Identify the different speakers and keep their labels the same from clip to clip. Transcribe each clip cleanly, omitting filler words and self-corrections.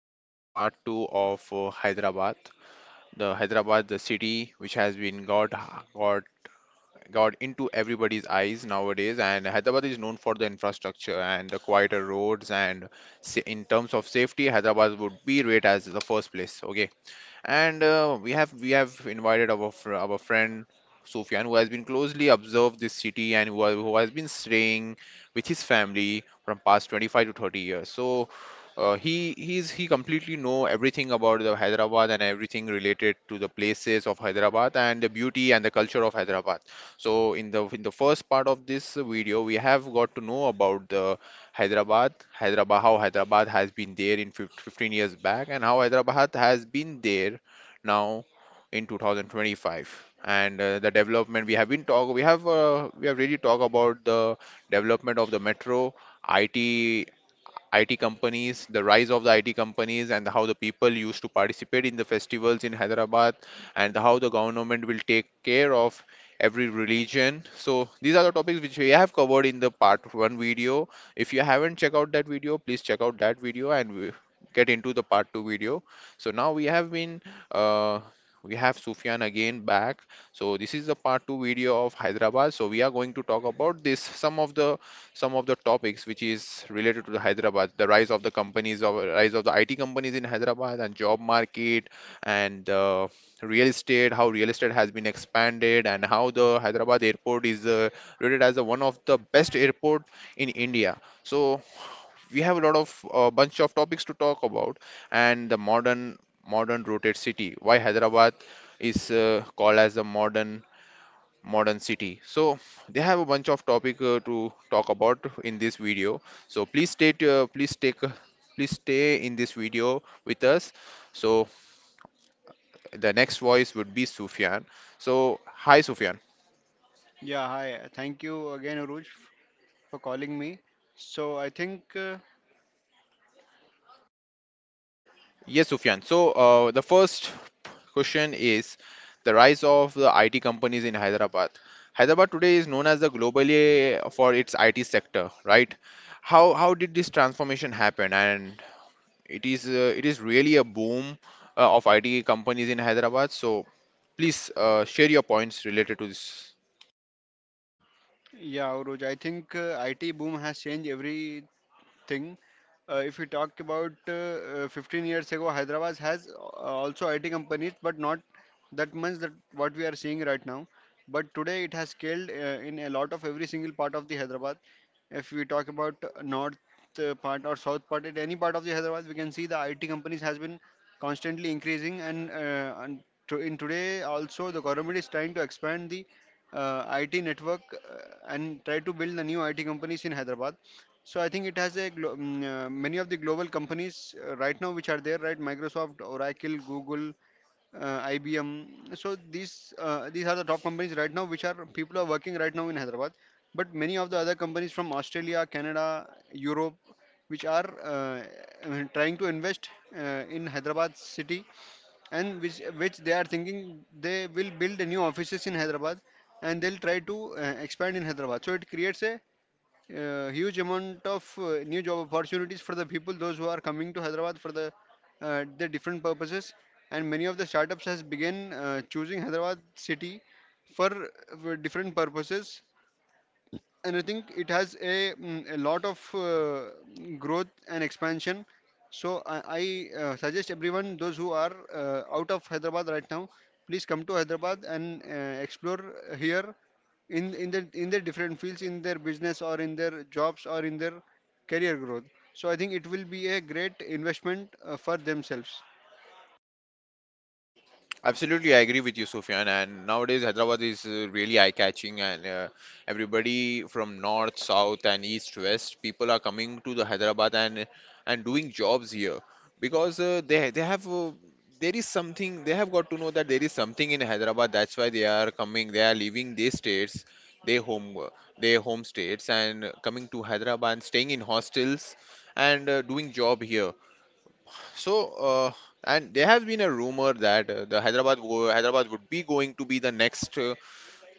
Speaker 1: this is a part two of Hyderabad. The Hyderabad, the city which has been got got into everybody's eyes nowadays, and Hyderabad is known for the infrastructure and the quieter roads and in terms of safety, Hyderabad would be rated as the first place. Okay, and we have invited our friend Sufyan, who has been closely observed this city and who has been staying with his family from past 25 to 30 years. So he completely know everything about the Hyderabad and everything related to the places of Hyderabad and the beauty and the culture of Hyderabad. So in the first part of this video, we have got to know about Hyderabad, how Hyderabad has been there in 15 years back, and how Hyderabad has been there now in 2025. And the development we have been talk, we have really talked about the development of the metro, IT IT companies, the rise of the IT companies, and how the people used to participate in the festivals in Hyderabad, and how the government will take care of every religion. So these are the topics which we have covered in the part one video. If you haven't checked out that video, please check out that video and we get into the part two video. So now uh, we have Sufyan again back. So this is the part two video of Hyderabad. So we are going to talk about this some of the topics which is related to the Hyderabad, the rise of the companies of rise of the IT companies in Hyderabad and job market and real estate, how real estate has been expanded and how the Hyderabad airport is rated as the one of the best airport in India. So we have a lot of bunch of topics to talk about and the modern rooted city. Why Hyderabad is called as a modern city so they have a bunch of topic to talk about in this video. So please stay t- please take please stay in this video with us. So the next voice would be Sufyan. So hi, Sufyan.
Speaker 2: Yeah, hi. Thank you again, Uruj, for calling me. So I think, uh,
Speaker 1: Yes, Sufyan. So the first question is the rise of the IT companies in Hyderabad. Hyderabad today is known as the globally for its IT sector, right? How did this transformation happen? And it is it is really a boom of IT companies in Hyderabad. So please share your points related to this.
Speaker 2: yeah, Uruj, I think IT boom has changed every thing. If you talk about 15 years ago, Hyderabad has also IT companies, but not that much that what we are seeing right now. But today it has scaled in a lot of every single part of the Hyderabad. If we talk about north part or south part, at any part of the Hyderabad, we can see the IT companies has been constantly increasing, and to, in today also the government is trying to expand the IT network uh, and try to build the new IT companies in Hyderabad. So I think it has a many of the global companies right now which are there, right? Microsoft, Oracle, Google, IBM. So these are the top companies right now which are people are working right now in Hyderabad. But many of the other companies from Australia, Canada, Europe, which are trying to invest in Hyderabad city, and which they are thinking they will build a new offices in Hyderabad, and they'll try to expand in Hyderabad. So it creates a huge amount of new job opportunities for the people those who are coming to hyderabad for the different purposes, and many of the startups has begun choosing hyderabad city for, uh, for different purposes. And I think it has a, a lot of growth and expansion. So I suggest everyone, those who are out of Hyderabad right now, please come to Hyderabad and explore here in their different fields, in their business or in their jobs or in their career growth. So I think it will be a great investment for themselves.
Speaker 1: Absolutely, I agree with you, Sufyan. And nowadays, Hyderabad is really eye-catching, and everybody from north, south, and east, west, people are coming to the Hyderabad and doing jobs here because they have there is something they have got to know that there is something in Hyderabad. That's why they are coming. They are leaving their states, their home, uh, their home states, and coming to Hyderabad, and staying in hostels and doing job here. So, and there has been a rumor that the Hyderabad go Hyderabad would be going to be the next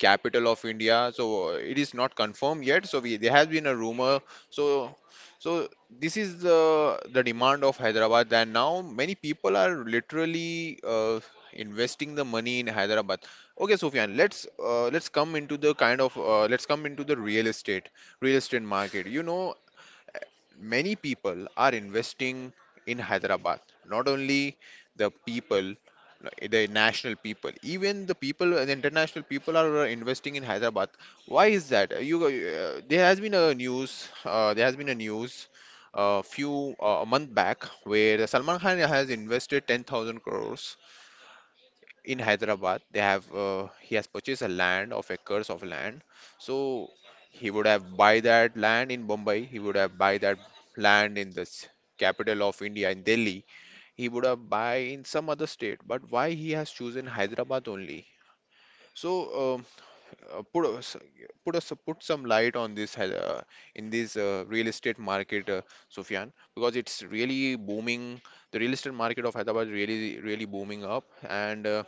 Speaker 1: capital of India. So it is not confirmed yet. So there has been a rumor. So so this is the demand of Hyderabad. And now many people are literally investing the money in Hyderabad. Okay, Sufyan, let's come into the kind of let's come into the real estate market. You know, many people are investing in Hyderabad. Not only the people, the national people, even the people, the international people are investing in Hyderabad. Why is that? You, there has been a news. There has been a news a few a month back where Salman Khan has invested 10,000 crores in Hyderabad. They have he has purchased a land of acres of land. So he would have buy that land in Bombay. He would have buy that land in capital of India in Delhi. He would have buy in some other state. But why he has chosen Hyderabad only? So um, uh, put us put some light on this Hy- in this real estate market, Sufyan, because it's really booming. The real estate market of Hyderabad really really booming up. And.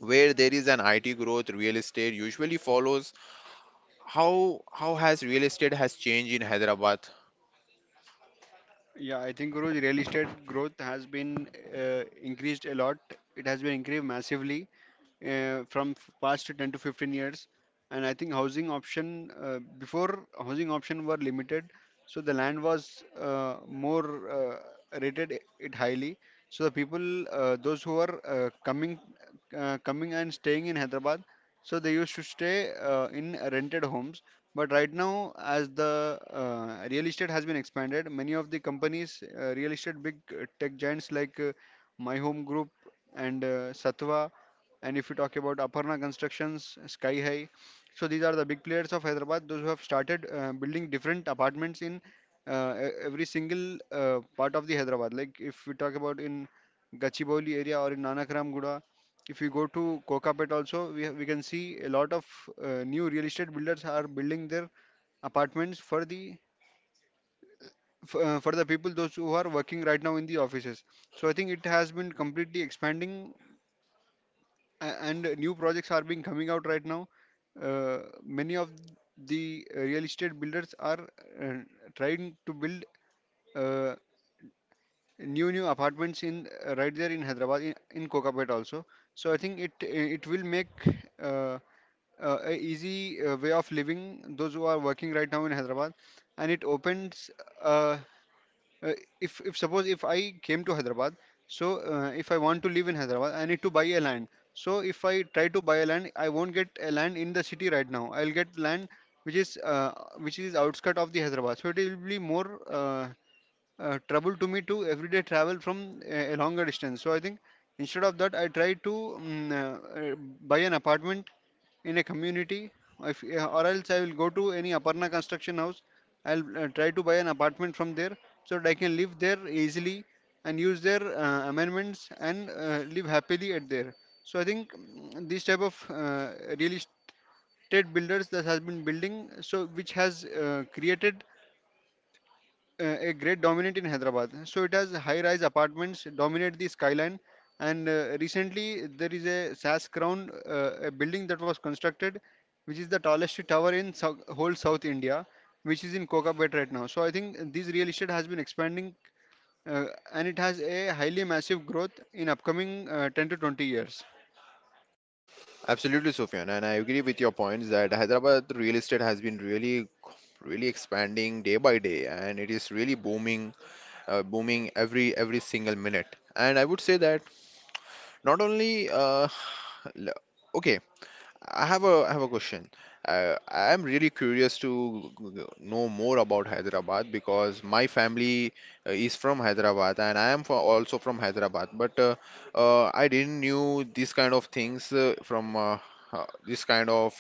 Speaker 1: Where there is an IT growth, real estate usually follows. How has real estate has changed in Hyderabad?
Speaker 2: Yeah, I think Guruji, real estate growth has been increased a lot. It has been increased massively from past 10 to 15 years, and I think housing option were limited. So the land was more rated it highly. So the people those who are coming and staying in hyderabad, so they used to stay in rented homes. But right now, as the real estate has been expanded, many of the companies, real estate big tech giants like My Home Group, and Satva, and if you talk about Aparna Constructions, Sky High, so these are the big players of Hyderabad, those who have started building different apartments in every single part of the Hyderabad. Like if we talk about in Gachibowli area or in Nanakram Guda, if you go to Kokapet also, we have, we can see a lot of new real estate builders are building their apartments for the for the people those who are working right now in the offices. So I think it has been completely expanding, and new projects are being coming out right now. Many of the real estate builders are uh, trying to build uh, new apartments in right there in Hyderabad in Kokapet also. So I think it will make uh, a easy way of living those who are working right now in Hyderabad, and it opens uh, uh, if suppose if I came to Hyderabad, so if I want to live in Hyderabad, I need to buy a land. So if I try to buy a land, I won't get a land in the city right now. I'll get land which is uh, which is outskirt of the Hyderabad. So it will be more trouble to me to everyday travel from a longer distance. So I think instead of that, I try to uh, buy an apartment in a community if, or else I will go to any Aparna Construction house. I'll try to buy an apartment from there so that I can live there easily and use their amendments and live happily at there. So I think, this type of real estate builders that has been building, so which has created a great dominant in Hyderabad. So it has high-rise apartments dominate the skyline. And recently there is a SAS Crown, a building that was constructed, which is the tallest tower in whole South India, which is in Kokapet right now. So I think this real estate has been expanding, uh, and it has a highly massive growth in upcoming 10 to 20 years.
Speaker 1: Absolutely, Sufyan, and I agree with your points that Hyderabad real estate has been really, really expanding day by day, and it is really booming, booming every single minute. And I would say that not only l- okay, I have a question. I am really curious to know more about Hyderabad because my family is from Hyderabad and I am also from Hyderabad. But I didn't knew these kind of things from this kind of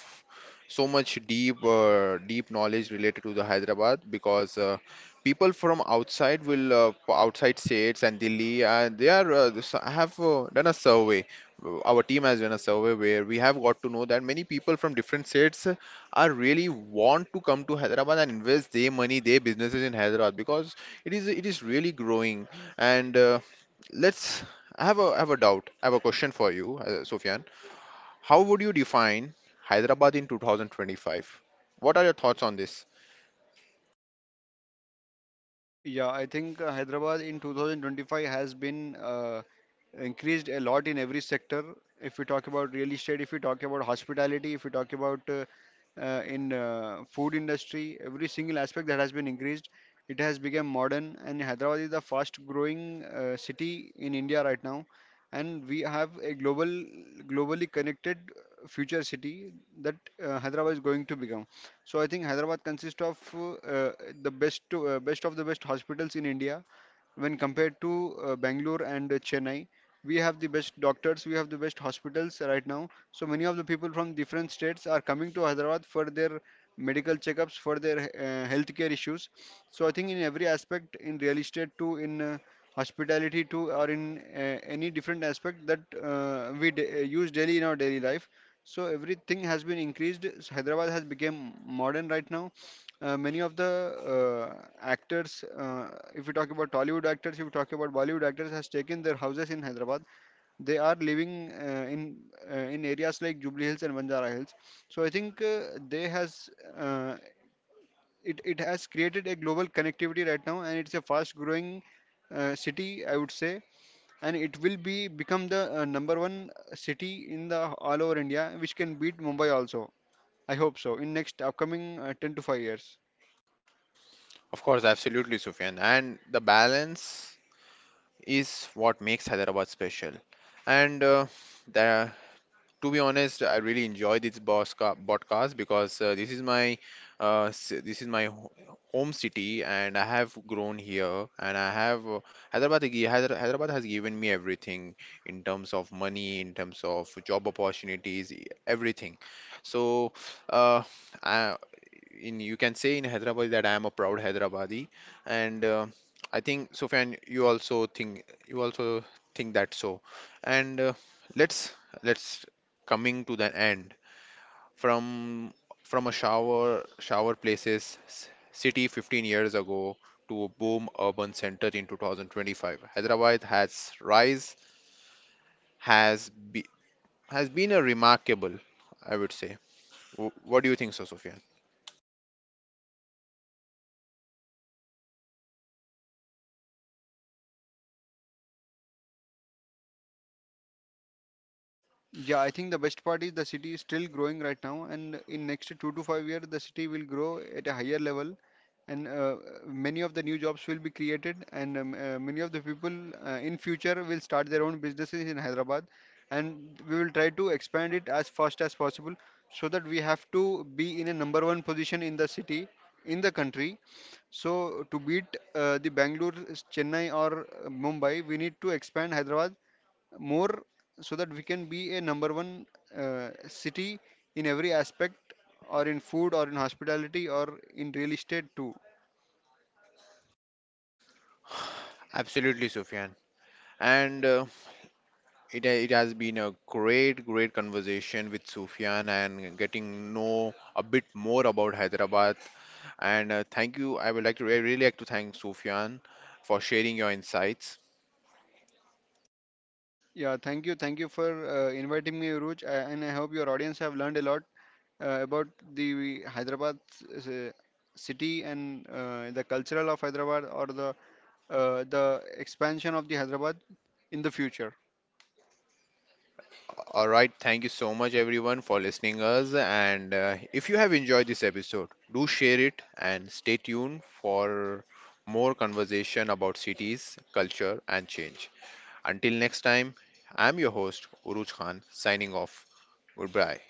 Speaker 1: so much deep deep knowledge related to the Hyderabad because people from outside will outside states and Delhi and they are have done a survey. Our team has done a survey where we have got to know that many people from different states are really want to come to Hyderabad and invest their money, their businesses in Hyderabad because it is really growing. And let's I have a doubt. I have a question for you, Sufyan. How would you define Hyderabad in 2025? What are your thoughts on this?
Speaker 2: Yeah, I think Hyderabad in 2025 has been increased a lot in every sector. If we talk about real estate, if we talk about hospitality, if we talk about in food industry, every single aspect that has been increased, it has become modern. And Hyderabad is the fast growing city in India right now, and we have a global, globally connected future city that Hyderabad is going to become. So I think Hyderabad consists of the best of the best hospitals in India, when compared to Bangalore and Chennai. We have the best doctors, we have the best hospitals right now. So many of the people from different states are coming to Hyderabad for their medical checkups, for their healthcare issues. So I think in every aspect, in real estate too, in hospitality too, or in any different aspect that use daily in our daily life. So everything has been increased. So Hyderabad has become modern right now. Uh, many of the actors, if we talk about Tollywood actors, if we talk about Bollywood actors, has taken their houses in Hyderabad. They are living in areas like Jubilee Hills and Banjara Hills. So I think they has uh, it has created a global connectivity right now, and it's a fast growing city, I would say, and it will be become the number one city in the all over India, which can beat Mumbai also. I hope so in next upcoming 10 to 5 years.
Speaker 1: Of course, absolutely, Sufyan. And the balance is what makes Hyderabad special. And the to be honest, I really enjoy this podcast because this is my home city, and I have grown here, and I have Hyderabad. Gi- Hyder- Hyderabad has given me everything in terms of money, in terms of job opportunities, everything. So, uh, I, in you can say in Hyderabad that I am a proud Hyderabadi, and I think, Sufyan, you also think that so. And let's let's coming to the end from from a shower city 15 years ago to a boom urban center in 2025. Hyderabad has rise has be, has been a remarkable, I would say. What do you think, so Sufyan?
Speaker 2: Yeah, I think the best part is the city is still growing right now, and in next 2 to 5 years, the city will grow at a higher level, and many of the new jobs will be created, and many of the people in future will start their own businesses in Hyderabad, and we will try to expand it as fast as possible, so that we have to be in a number one position in the city, in the country. So to beat the Bangalore, Chennai, or Mumbai, we need to expand Hyderabad more so that we can be a number one city in every aspect, or in food or in hospitality or in real estate too.
Speaker 1: Absolutely, Sufyan. And it has been a great, great conversation with Sufyan and getting know a bit more about Hyderabad. And thank you. I would like to really like to thank Sufyan for sharing your insights.
Speaker 2: Yeah Thank you, thank you, for inviting me, Uruj, and I hope your audience have learned a lot about the Hyderabad s- uh, city, and the cultural of Hyderabad, or the expansion of the Hyderabad in the future.
Speaker 1: All right, thank you so much everyone for listening us. And if you have enjoyed this episode, do share it and stay tuned for more conversation about cities, culture, and change. Until next time, I'm your host Uruj Khan signing off. Goodbye.